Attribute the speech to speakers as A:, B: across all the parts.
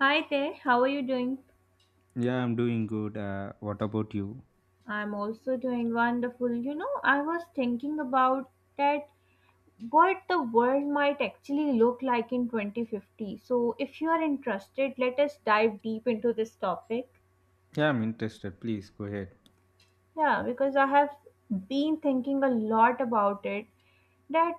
A: Hi there, how are you doing?
B: Yeah, I'm doing good. What about you?
A: I'm also doing wonderful. You know, I was thinking about that what the world might actually look like in 2050. So, if you are interested, let us dive deep into this topic.
B: Yeah, I'm interested. Please go ahead.
A: Yeah, because I have been thinking a lot about it that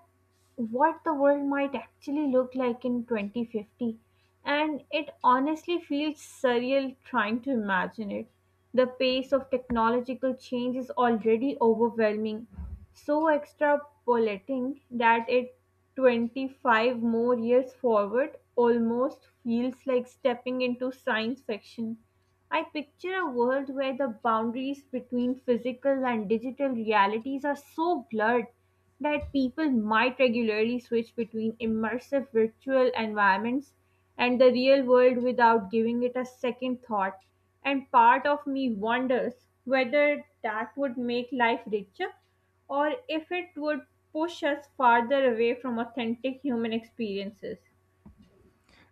A: what the world might actually look like in 2050 and it honestly feels surreal trying to imagine it the pace of technological change is already overwhelming so extrapolating that it 25 more years forward almost feels like stepping into science fiction. I picture a world where the boundaries between physical and digital realities are so blurred that people might regularly switch between immersive virtual environments and the real world without giving it a second thought. And part of me wonders whether that would make life richer or if it would push us farther away from authentic human experiences.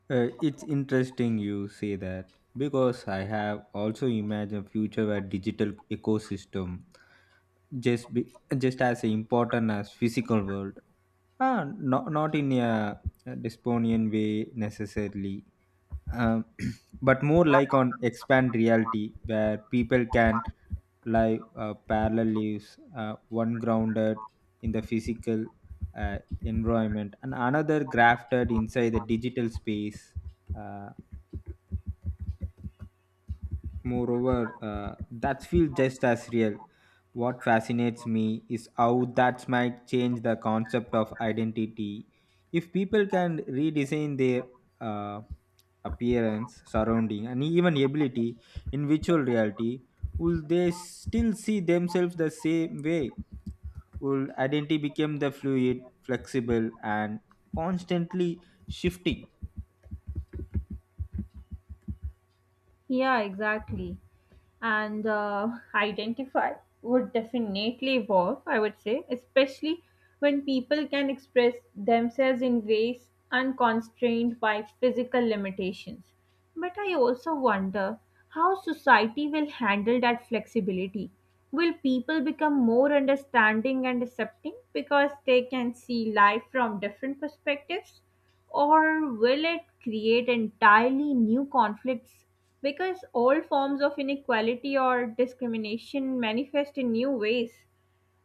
B: It's interesting you say that because I have also imagined future where digital ecosystem just as important as physical world. Not in a dystopian way necessarily, um, but more like on expand reality where people can parallel leaves, one grounded in the physical uh, environment and another grafted inside the digital space. Uh, moreover, that feels just as real. What fascinates me is how that might change the concept of identity. If people can redesign their uh, appearance, surrounding, and even ability in virtual reality, will they still see themselves the same way? Would identity became the fluid, flexible, and constantly shifting.
A: Yeah, exactly. And identify would definitely evolve, I would say, especially when people can express themselves in ways unconstrained by physical limitations. But I also wonder how society will handle that flexibility. Will people become more understanding and accepting because they can see life from different perspectives? Or will it create entirely new conflicts because old forms of inequality or discrimination manifest in new ways.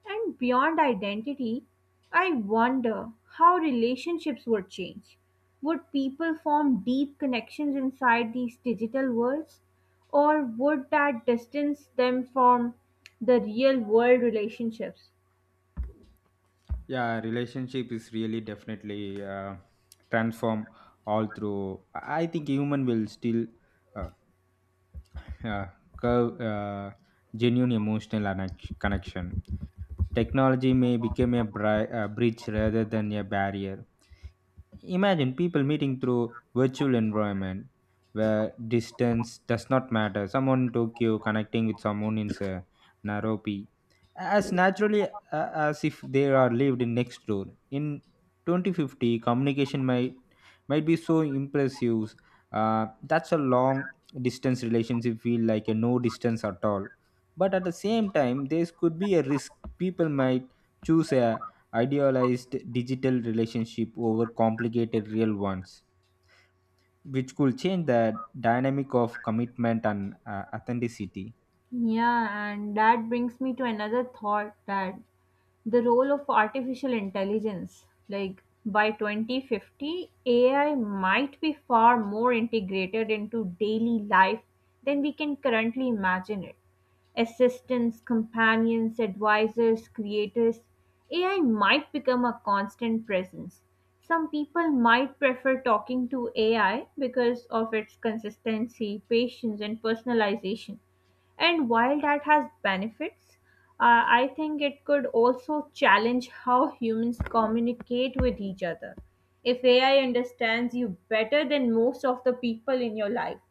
A: And beyond identity, I wonder how relationships would change. Would people form deep connections inside these digital worlds, or would that distance them from the real world relationships?
B: Yeah, relationship is really definitely transform all through. I think human will still uh, uh, curve genuine emotional connection. Technology may become a bridge rather than a barrier. Imagine people meeting through virtual environment where distance does not matter. Someone in Tokyo connecting with someone in say, Nairobi as naturally as if they are lived in next door. In 2050, communication might be so impressive. That's a long distance relationship feel like a no distance at all, but at the same time there could be a risk. People might choose a idealized digital relationship over complicated real ones, which could change the dynamic of commitment and authenticity.
A: Yeah, and that brings me to another thought that the role of artificial intelligence, like by 2050, AI might be far more integrated into daily life than we can currently imagine it. Assistants, companions, advisors, creators, AI might become a constant presence. Some people might prefer talking to AI because of its consistency, patience, and personalization and while that has benefits, I think it could also challenge how humans communicate with each other. If AI understands you better than most of the people in your life,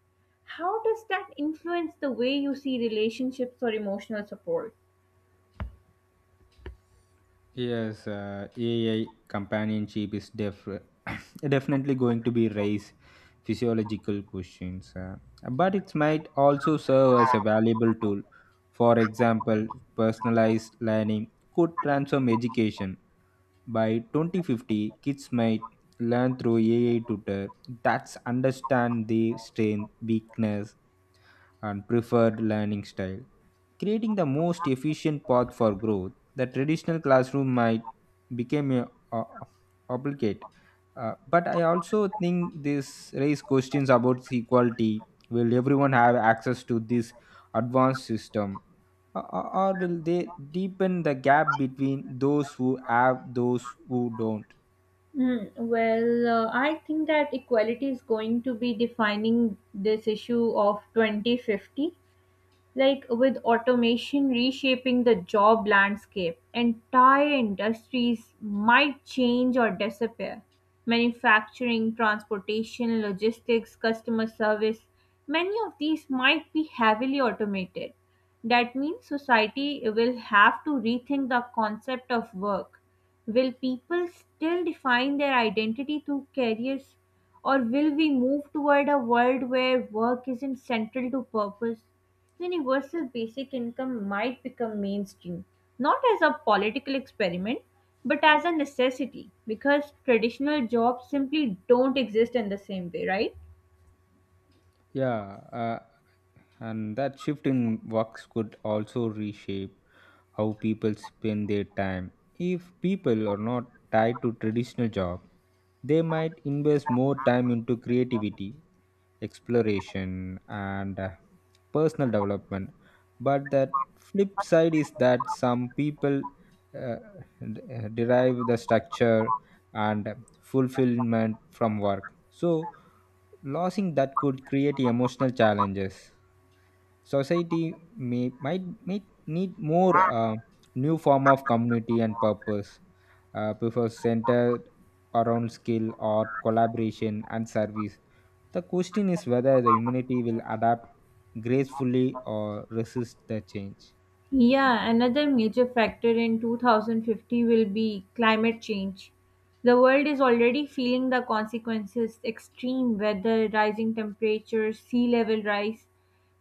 A: how does that influence the way you see relationships or emotional support?
B: Yes, AI companionship is definitely going to be raise physiological questions, but it might also serve as a valuable tool. For example, personalized learning could transform education. By 2050, kids might learn through AI tutor that's understand the strength, weakness, and preferred learning style, creating the most efficient path for growth. The traditional classroom might become obligate. But I also think this raise questions about equality. Will everyone have access to this advanced system? Or will they deepen the gap between those who have those who don't?
A: Hmm, well, I think that equality is going to be defining this issue of 2050 like with automation reshaping the job landscape, entire industries might change or disappear. Manufacturing, transportation, logistics, customer service, many of these might be heavily automated. That means society will have to rethink the concept of work. Will people still define their identity through careers, or will we move toward a world where work isn't central to purpose? Universal basic income might become mainstream, not as a political experiment, but as a necessity, because traditional jobs simply don't exist in the same way, right?
B: Yeah, and that shift in works could also reshape how people spend their time. If people are not tied to traditional job, they might invest more time into creativity, exploration, and personal development. But that flip side is that some people uh, derive the structure and fulfillment from work. So losing that could create emotional challenges. Society might need more new form of community and purpose, before centered around skill or collaboration and service. The question is whether the humanity will adapt gracefully or resist the change.
A: Yeah, another major factor in 2050 will be climate change. The world is already feeling the consequences extreme weather, rising temperatures, sea level rise,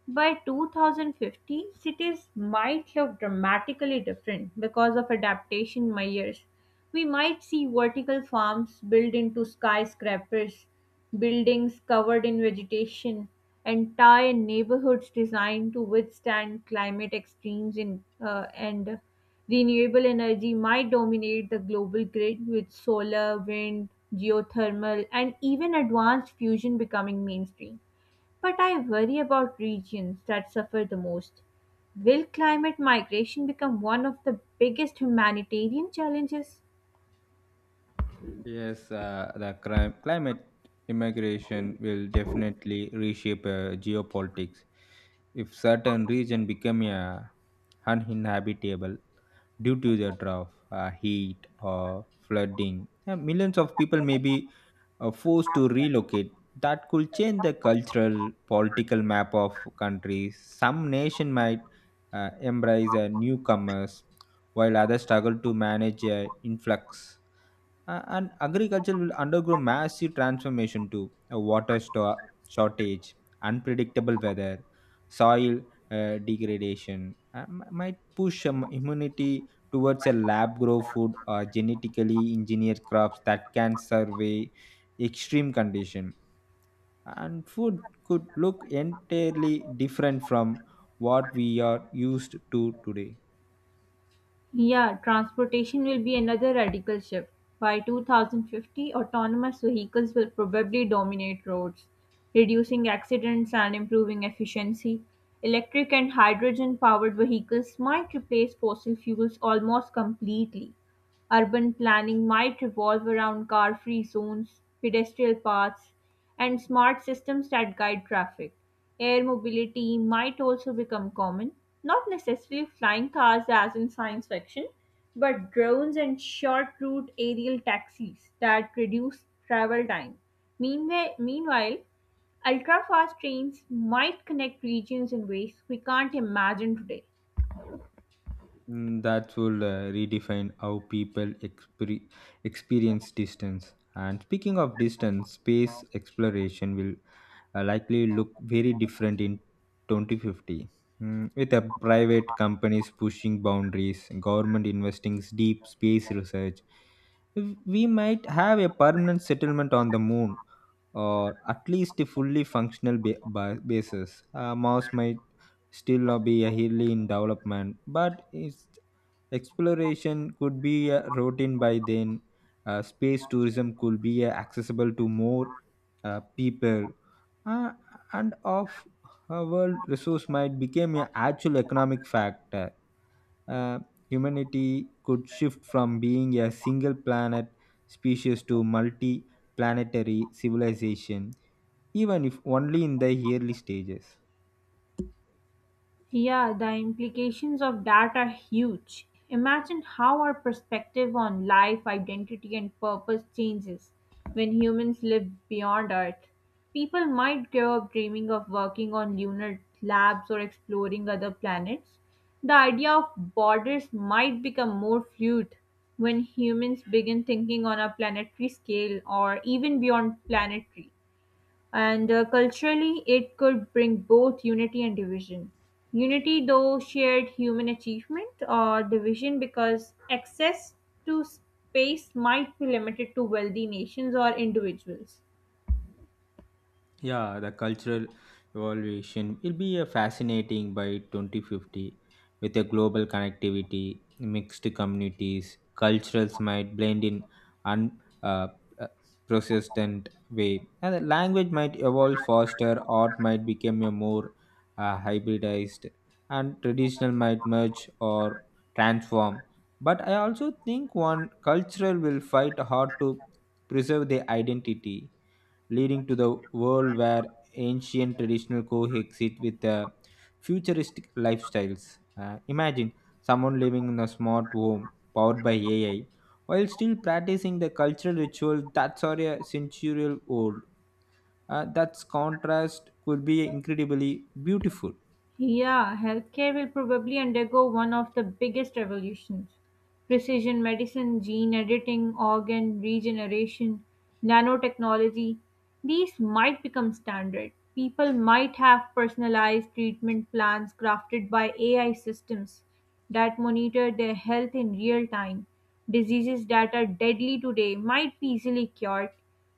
A: by 2050, cities might look dramatically different because of adaptation measures. We might see vertical farms built into skyscrapers, buildings covered in vegetation, entire neighborhoods designed to withstand climate extremes in, and renewable energy might dominate the global grid with solar, wind, geothermal, and even advanced fusion becoming mainstream. But I worry about regions that suffer the most. Will climate migration become one of the biggest humanitarian challenges?
B: Yes, the climate immigration will definitely reshape geopolitics. If certain region become uninhabitable due to the drought, heat, or flooding, millions of people may be forced to relocate. That could change the cultural, political map of countries. Some nation might embrace newcomers, while others struggle to manage influx. And agriculture will undergo massive transformation to a shortage, unpredictable weather, soil degradation. Might push immunity towards a lab grow food or genetically engineered crops that can survey extreme condition. And food could look entirely different from what we are used to today.
A: Yeah, transportation will be another radical shift. By 2050, autonomous vehicles will probably dominate roads, reducing accidents and improving efficiency. Electric and hydrogen powered vehicles might replace fossil fuels almost completely. Urban planning might revolve around car-free zones, pedestrian paths, and smart systems that guide traffic. Air mobility might also become common, not necessarily flying cars as in science fiction, but drones and short route aerial taxis that reduce travel time. Meanwhile, ultra fast trains might connect regions in ways we can't imagine today.
B: That will redefine how people experience distance. And speaking of distance, space exploration will likely look very different in 2050. With a private companies pushing boundaries, government investing deep space research, we might have a permanent settlement on the moon or at least a fully functional basis. Mars might still not be a highly in development, but its exploration could be routine by then. Space tourism could be accessible to more people. Uh, and of a world resource might become an actual economic factor. Uh, Humanity could shift from being a single planet species to multi-planetary civilization, even if only in the early stages.
A: Yeah, the implications of that are huge. Imagine how our perspective on life, identity, and purpose changes when humans live beyond Earth. People might grow up dreaming of working on lunar labs or exploring other planets. The idea of borders might become more fluid when humans begin thinking on a planetary scale or even beyond planetary. And culturally, it could bring both unity and division. Unity, though shared human achievement, or division because access to space might be limited to wealthy nations or individuals.
B: Yeah, the cultural evolution will be a fascinating by 2050. With a global connectivity, mixed communities, cultures might blend in un uh, persistent way, and the language might evolve faster. Art might become a more hybridized, and traditional might merge or transform. But I also think one cultural will fight hard to preserve their identity, leading to the world where ancient traditional coexist with futuristic lifestyles. Imagine someone living in a smart home powered by AI while still practicing the cultural ritual that's already a century old. That contrast could be incredibly beautiful.
A: Yeah, healthcare will probably undergo one of the biggest revolutions. Precision medicine, gene editing, organ regeneration, nanotechnology, these might become standard. People might have personalized treatment plans crafted by AI systems that monitor their health in real time. Diseases that are deadly today might be easily cured.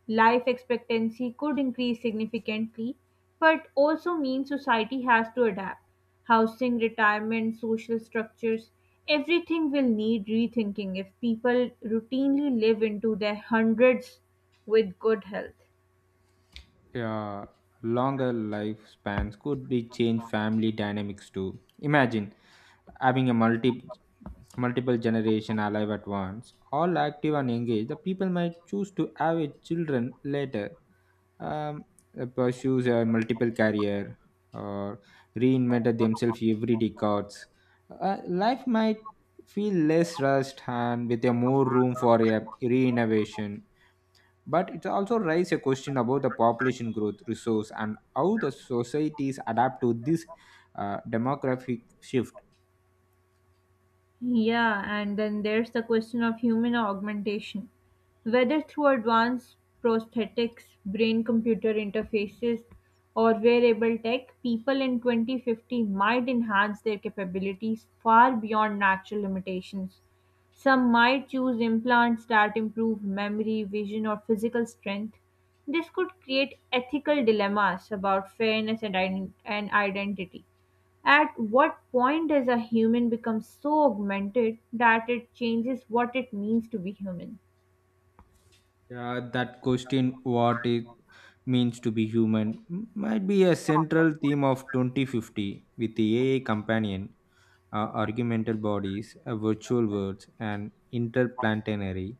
A: Life expectancy could increase significantly, but also means society has to adapt. Housing, retirement, social structures, everything will need rethinking if people routinely live into their hundreds with good health.
B: Yeah, longer lifespans could be change family dynamics too. Imagine having a multiple generation alive at once, all active and engaged. The people might choose to have a children later, um, pursues a multiple career, or reinvented themselves every decades. Life might feel less rushed and with a more room for a re-innovation. But it also raises a question about the population growth, resource, and how the societies adapt to this demographic shift.
A: Yeah, and then there's the question of human augmentation. Whether through advanced prosthetics, brain computer interfaces, or wearable tech, people in 2050 might enhance their capabilities far beyond natural limitations. Some might choose implants that improve memory, vision, or physical strength. This could create ethical dilemmas about fairness and identity. At what point does a human become so augmented that it changes what it means to be human?
B: Yeah, that question, what it means to be human, might be a central theme of 2050 with the AI companion, argumental bodies, virtual worlds, and interplanetary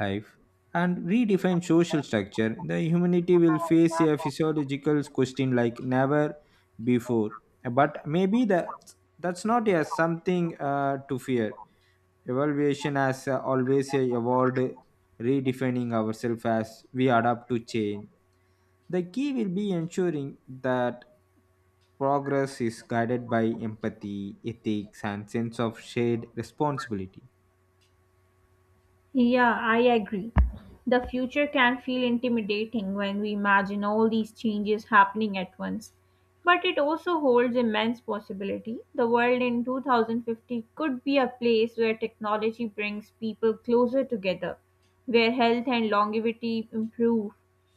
B: life, and redefine social structure. The humanity will face a physiological question like never before. But maybe that's not a something to fear. Evaluation has always evolved, redefining ourselves as we adapt to change. The key will be ensuring that progress is guided by empathy, ethics, and sense of shared responsibility.
A: Yeah, I agree. The future can feel intimidating when we imagine all these changes happening at once. But it also holds immense possibility. The world in 2050 could be a place where technology brings people closer together, where health and longevity improve,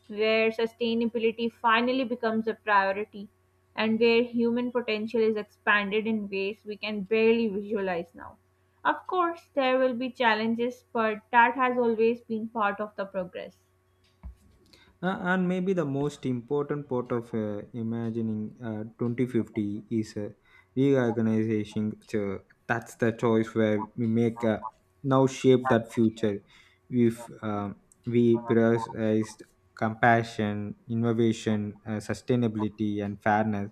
A: where sustainability finally becomes a priority and where human potential is expanded in ways we can barely visualize now. Of course, there will be challenges, but that has always been part of the progress.
B: And maybe the most important part of imagining 2050 is reorganization. So that's the choice where we make now shape that future. If we prioritize compassion, innovation, sustainability, and fairness,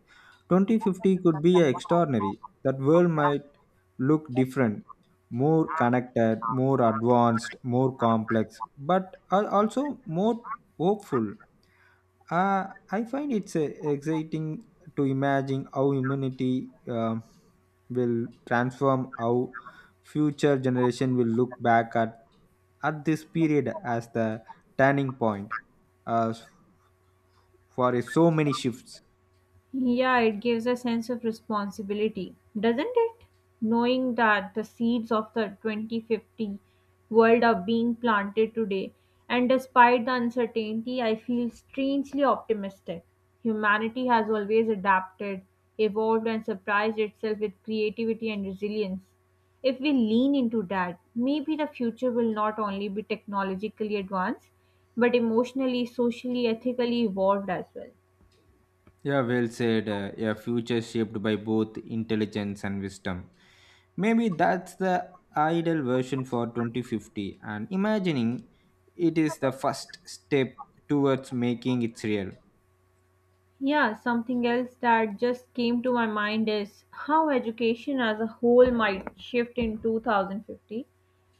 B: 2050 could be extraordinary. That world might look different, more connected, more advanced, more complex, but also more hopeful. I find it's exciting to imagine how humanity will transform, how future generation will look back at this period as the turning point, uh, for so many shifts.
A: Yeah, it gives a sense of responsibility, doesn't it? Knowing that the seeds of the 2050 world are being planted today, and despite the uncertainty, I feel strangely optimistic. Humanity has always adapted, evolved, and surprised itself with creativity and resilience. If we lean into that, maybe the future will not only be technologically advanced, but emotionally, socially, ethically evolved as well.
B: Yeah, well said. A future shaped by both intelligence and wisdom. Maybe that's the ideal version for 2050, and imagining it is the first step towards making it real.
A: Yeah, something else that just came to my mind is how education as a whole might shift in 2050.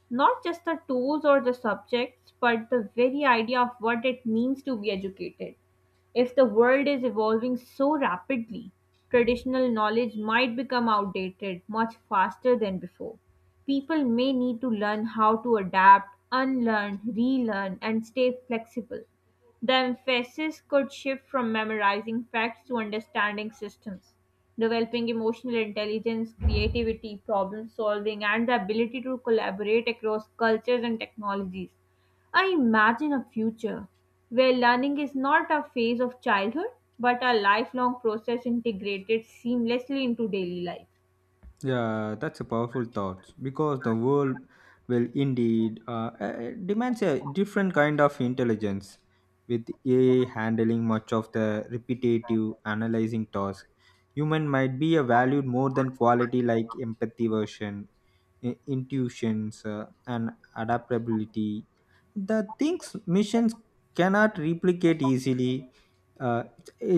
A: Not just the tools or the subjects, but the very idea of what it means to be educated. If the world is evolving so rapidly, traditional knowledge might become outdated much faster than before. People may need to learn how to adapt, unlearn, relearn, and stay flexible. The emphasis could shift from memorizing facts to understanding systems, developing emotional intelligence, creativity, problem solving, and the ability to collaborate across cultures and technologies. I imagine a future where learning is not a phase of childhood but a lifelong process integrated seamlessly into daily life.
B: Yeah, that's a powerful thought because the world will indeed demands a different kind of intelligence, with AI handling much of the repetitive analyzing task. Human might be a valued more than quality like empathy, version, intuitions, and adaptability. The things missions cannot replicate easily. Uh,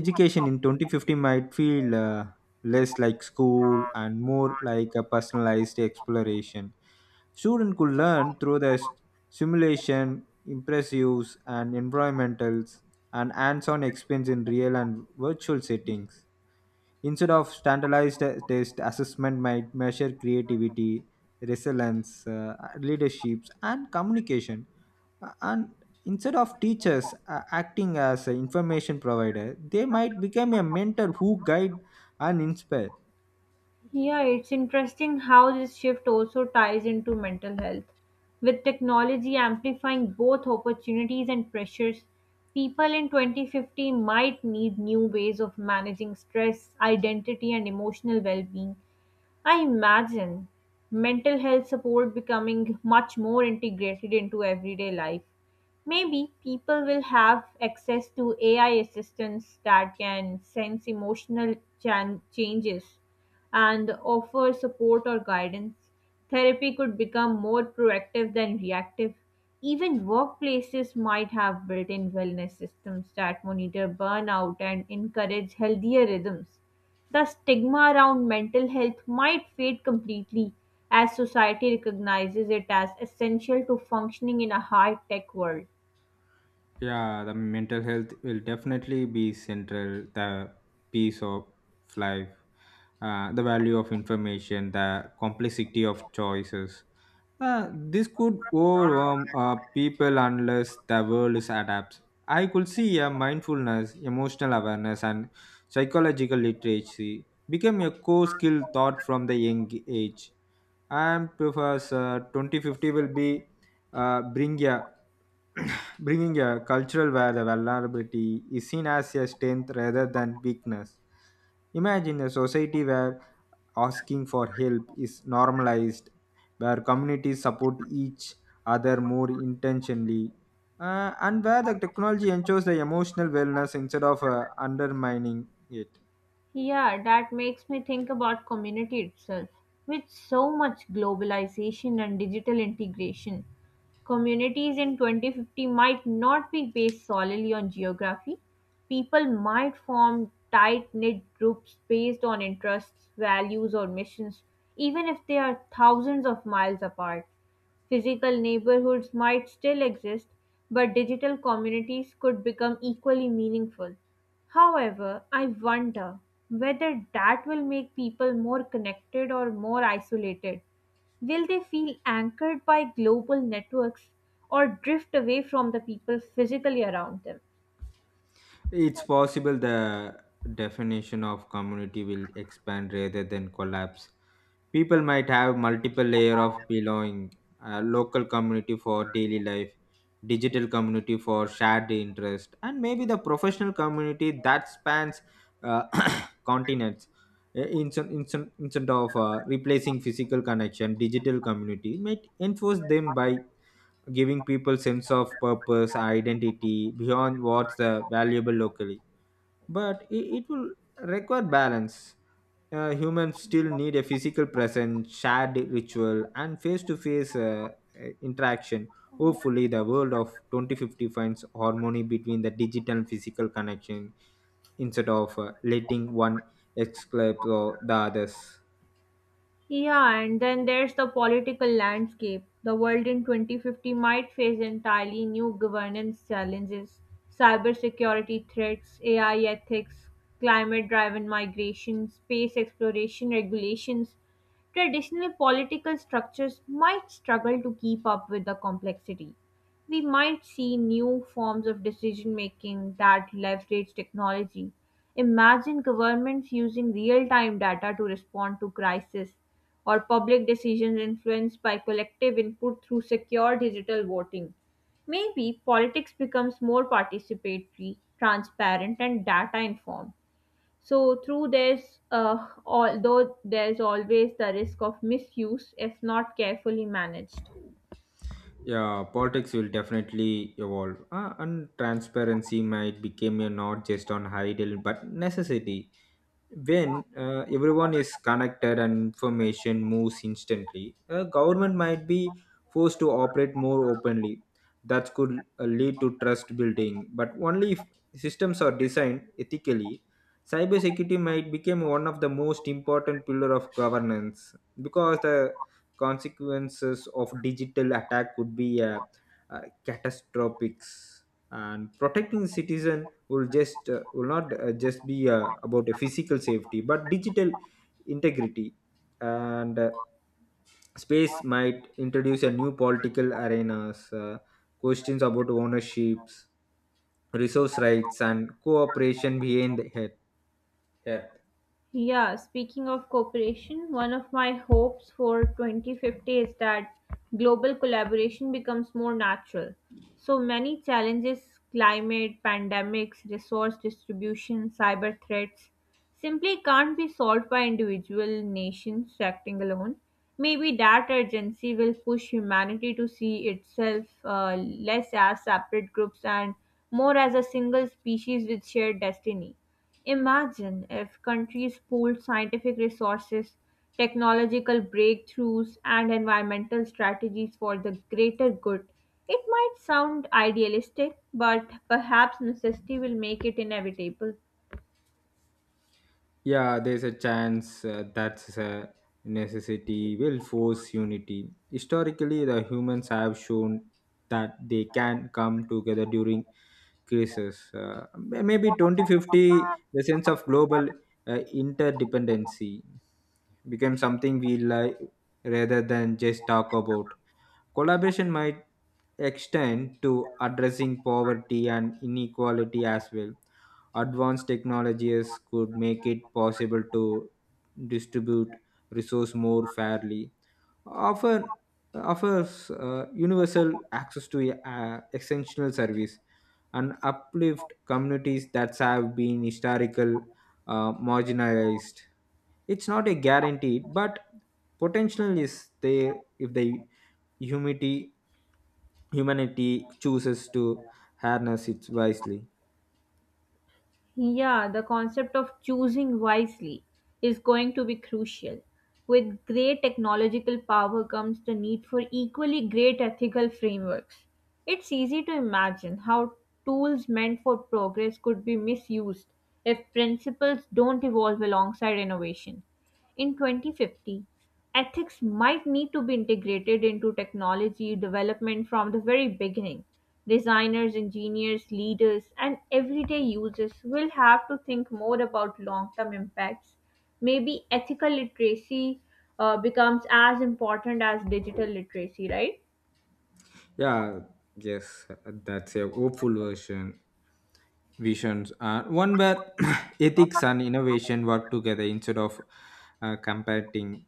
B: Education in 2050 might feel. Less like school and more like a personalized exploration. Student could learn through the simulation, impressives, and environmentals and hands-on experience in real and virtual settings. Instead of standardized test, assessment might measure creativity, resilience, leaderships, and communication. And instead of teachers acting as an information provider, they might become a mentor who guide and inspire.
A: Yeah, it's interesting how this shift also ties into mental health. With technology amplifying both opportunities and pressures, people in 2050 might need new ways of managing stress, identity, and emotional well being. I imagine mental health support becoming much more integrated into everyday life. Maybe people will have access to AI assistants that can sense emotional changes and offer support or guidance. Therapy could become more proactive than reactive. Even workplaces might have built in wellness systems that monitor burnout and encourage healthier rhythms. The stigma around mental health might fade completely as society recognizes it as essential to functioning in a high tech world.
B: Yeah, the mental health will definitely be central. The piece of life, the value of information, the complexity of choices. This could overwhelm people unless the world is adapts. I could see a mindfulness, emotional awareness, and psychological literacy become a core skill taught from the young age. And Professor 2050 will be bring a bringing a cultural where the vulnerability is seen as a strength rather than weakness. Imagine a society where asking for help is normalized, where communities support each other more intentionally, and where the technology ensures the emotional wellness instead of undermining it.
A: Yeah, that makes me think about community itself. With so much globalization and digital integration, communities in 2050 might not be based solely on geography. People might form tight knit groups based on interests, values, or missions, even if they are thousands of miles apart. Physical neighborhoods might still exist, but digital communities could become equally meaningful. However, I wonder whether that will make people more connected or more isolated. Will they feel anchored by global networks or drift away from the people physically around them?
B: It's possible the definition of community will expand rather than collapse. People might have multiple layer of belonging, a local community for daily life, digital community for shared interest, and maybe the professional community that spans uh, continents. Instead of replacing physical connection, digital community might enforce them by giving people sense of purpose, identity beyond what's valuable locally, but it will require balance. Humans still need a physical presence, shared ritual, and face to face interaction. Hopefully, the world of 2050 finds harmony between the digital and physical connection instead of letting one exclude the others.
A: Yeah, and then there's the political landscape. The world in 2050 might face entirely new governance challenges, cybersecurity threats, AI ethics, climate driven migration, space exploration regulations. Traditional political structures might struggle to keep up with the complexity. We might see new forms of decision making that leverage technology. Imagine governments using real time data to respond to crisis, or public decisions influenced by collective input through secure digital voting. Maybe politics becomes more participatory, transparent, and data informed. So through this, although there's always the risk of misuse if not carefully managed.
B: Yeah, politics will definitely evolve, and transparency might become a not just on ideal but necessity. When everyone is connected and information moves instantly, a government might be forced to operate more openly. That could lead to trust building, but only if systems are designed ethically. Cybersecurity might become one of the most important pillar of governance because the consequences of digital attack could be catastrophic, and protecting citizen will just will not just be about a physical safety but digital integrity. And space might introduce a new political arenas, questions about ownerships, resource rights and cooperation behind the head. Yeah.
A: Yeah, speaking of cooperation, one of my hopes for 2050 is that global collaboration becomes more natural. So many challenges climate, pandemics, resource distribution, cyber threats simply can't be solved by individual nations acting alone. Maybe that urgency will push humanity to see itself less as separate groups and more as a single species with shared destiny. Imagine if countries pooled scientific resources, technological breakthroughs, and environmental strategies for the greater good. It might sound idealistic, but perhaps necessity will make it inevitable.
B: Yeah, there's a chance that's a necessity will force unity. Historically, the humans have shown that they can come together during crisis. Maybe 2050, the sense of global interdependency became something we like rather than just talk about. Collaboration might extend to addressing poverty and inequality as well. Advanced technologies could make it possible to distribute resource more fairly, offer offers universal access to essential service, and uplift communities that have been historical marginalized. It's not a guarantee, but potential is there if the humanity humanity chooses to harness it wisely.
A: Yeah, the concept of choosing wisely is going to be crucial. With great technological power comes the need for equally great ethical frameworks. It's easy to imagine how tools meant for progress could be misused if principles don't evolve alongside innovation. In 2050, ethics might need to be integrated into technology development from the very beginning. Designers, engineers, leaders, and everyday users will have to think more about long term impacts. Maybe ethical literacy becomes as important as digital literacy, right?
B: Yeah, yes, that's a hopeful version. Visions are one where ethics and innovation work together instead of competing.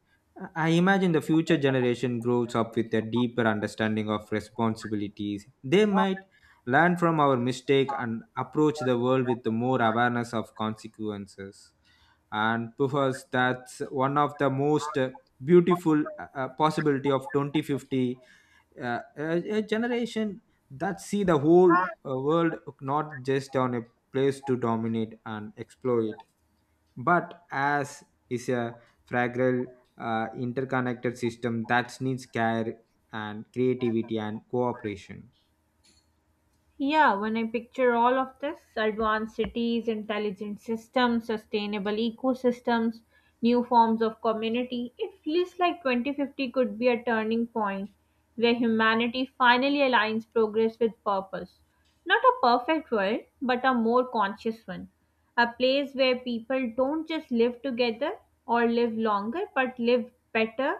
B: I imagine the future generation grows up with a deeper understanding of responsibilities. They might learn from our mistake and approach the world with more awareness of consequences. And perhaps that's one of the most beautiful possibility of 2050, a generation that see the whole world not just on a place to dominate and exploit but as is a fragile interconnected system that needs care and creativity and cooperation.
A: Yeah, when I picture all of this advanced cities, intelligent systems, sustainable ecosystems, new forms of community it feels like 2050 could be a turning point where humanity finally aligns progress with purpose. Not a perfect world, but a more conscious one. A place where people don't just live together or live longer, but live better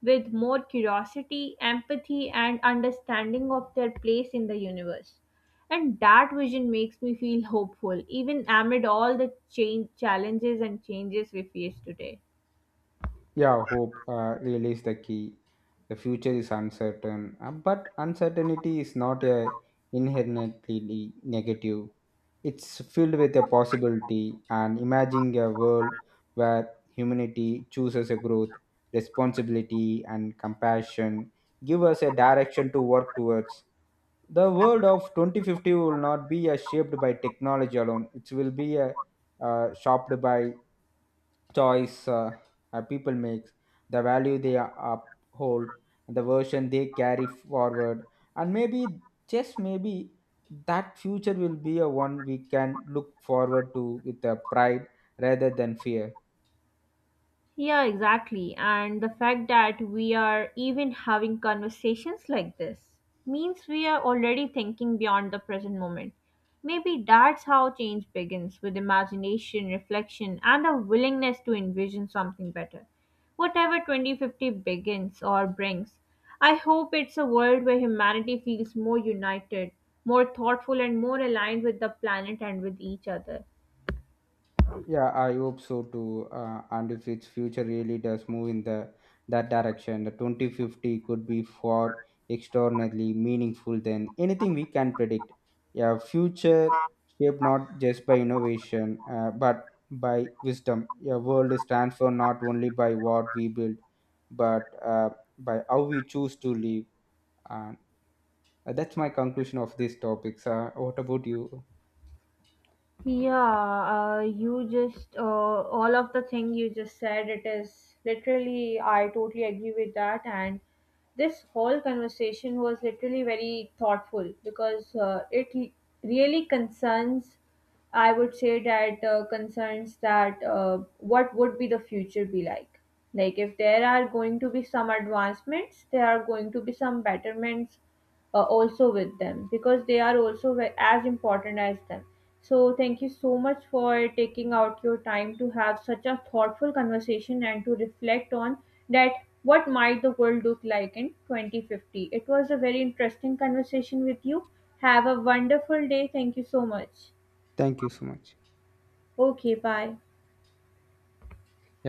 A: with more curiosity, empathy, and understanding of their place in the universe. And that vision makes me feel hopeful, even amid all the change, challenges and changes we face today.
B: Yeah, hope really is the key. The future is uncertain, but uncertainty is not a inherently negative. It's filled with a possibility, and imagining a world where humanity chooses a growth, responsibility, and compassion give us a direction to work towards. The world of 2050 will not be shaped by technology alone, it will be shaped by choice, people make, the value they uphold, the version they carry forward, and maybe just maybe that future will be a one we can look forward to with a pride rather than fear.
A: Yeah, exactly. And the fact that we are even having conversations like this means we are already thinking beyond the present moment. Maybe that's how change begins with imagination, reflection, and a willingness to envision something better. Whatever 2050 begins or brings, I hope it's a world where humanity feels more united, more thoughtful, and more aligned with the planet and with each other.
B: Yeah, I hope so too. And if its future really does move in the that direction, the 2050 could be far extraordinarily meaningful than anything we can predict. Yeah, future shaped not just by innovation, but by wisdom. Your world is transformed not only by what we build, but by how we choose to live. And that's my conclusion of this topic. So, what about you?
A: Yeah, you just all of the thing you just said. It is literally, I totally agree with that. And this whole conversation was literally very thoughtful because it really concerns. I would say that concerns that what would be the future be like. Like if there are going to be some advancements, there are going to be some betterments also with them because they are also as important as them. So, thank you so much for taking out your time to have such a thoughtful conversation and to reflect on that what might the world look like in 2050. It was a very interesting conversation with you. Have a wonderful day. Thank you so much.
B: Thank you so much.
A: Okay, bye.
B: Yeah.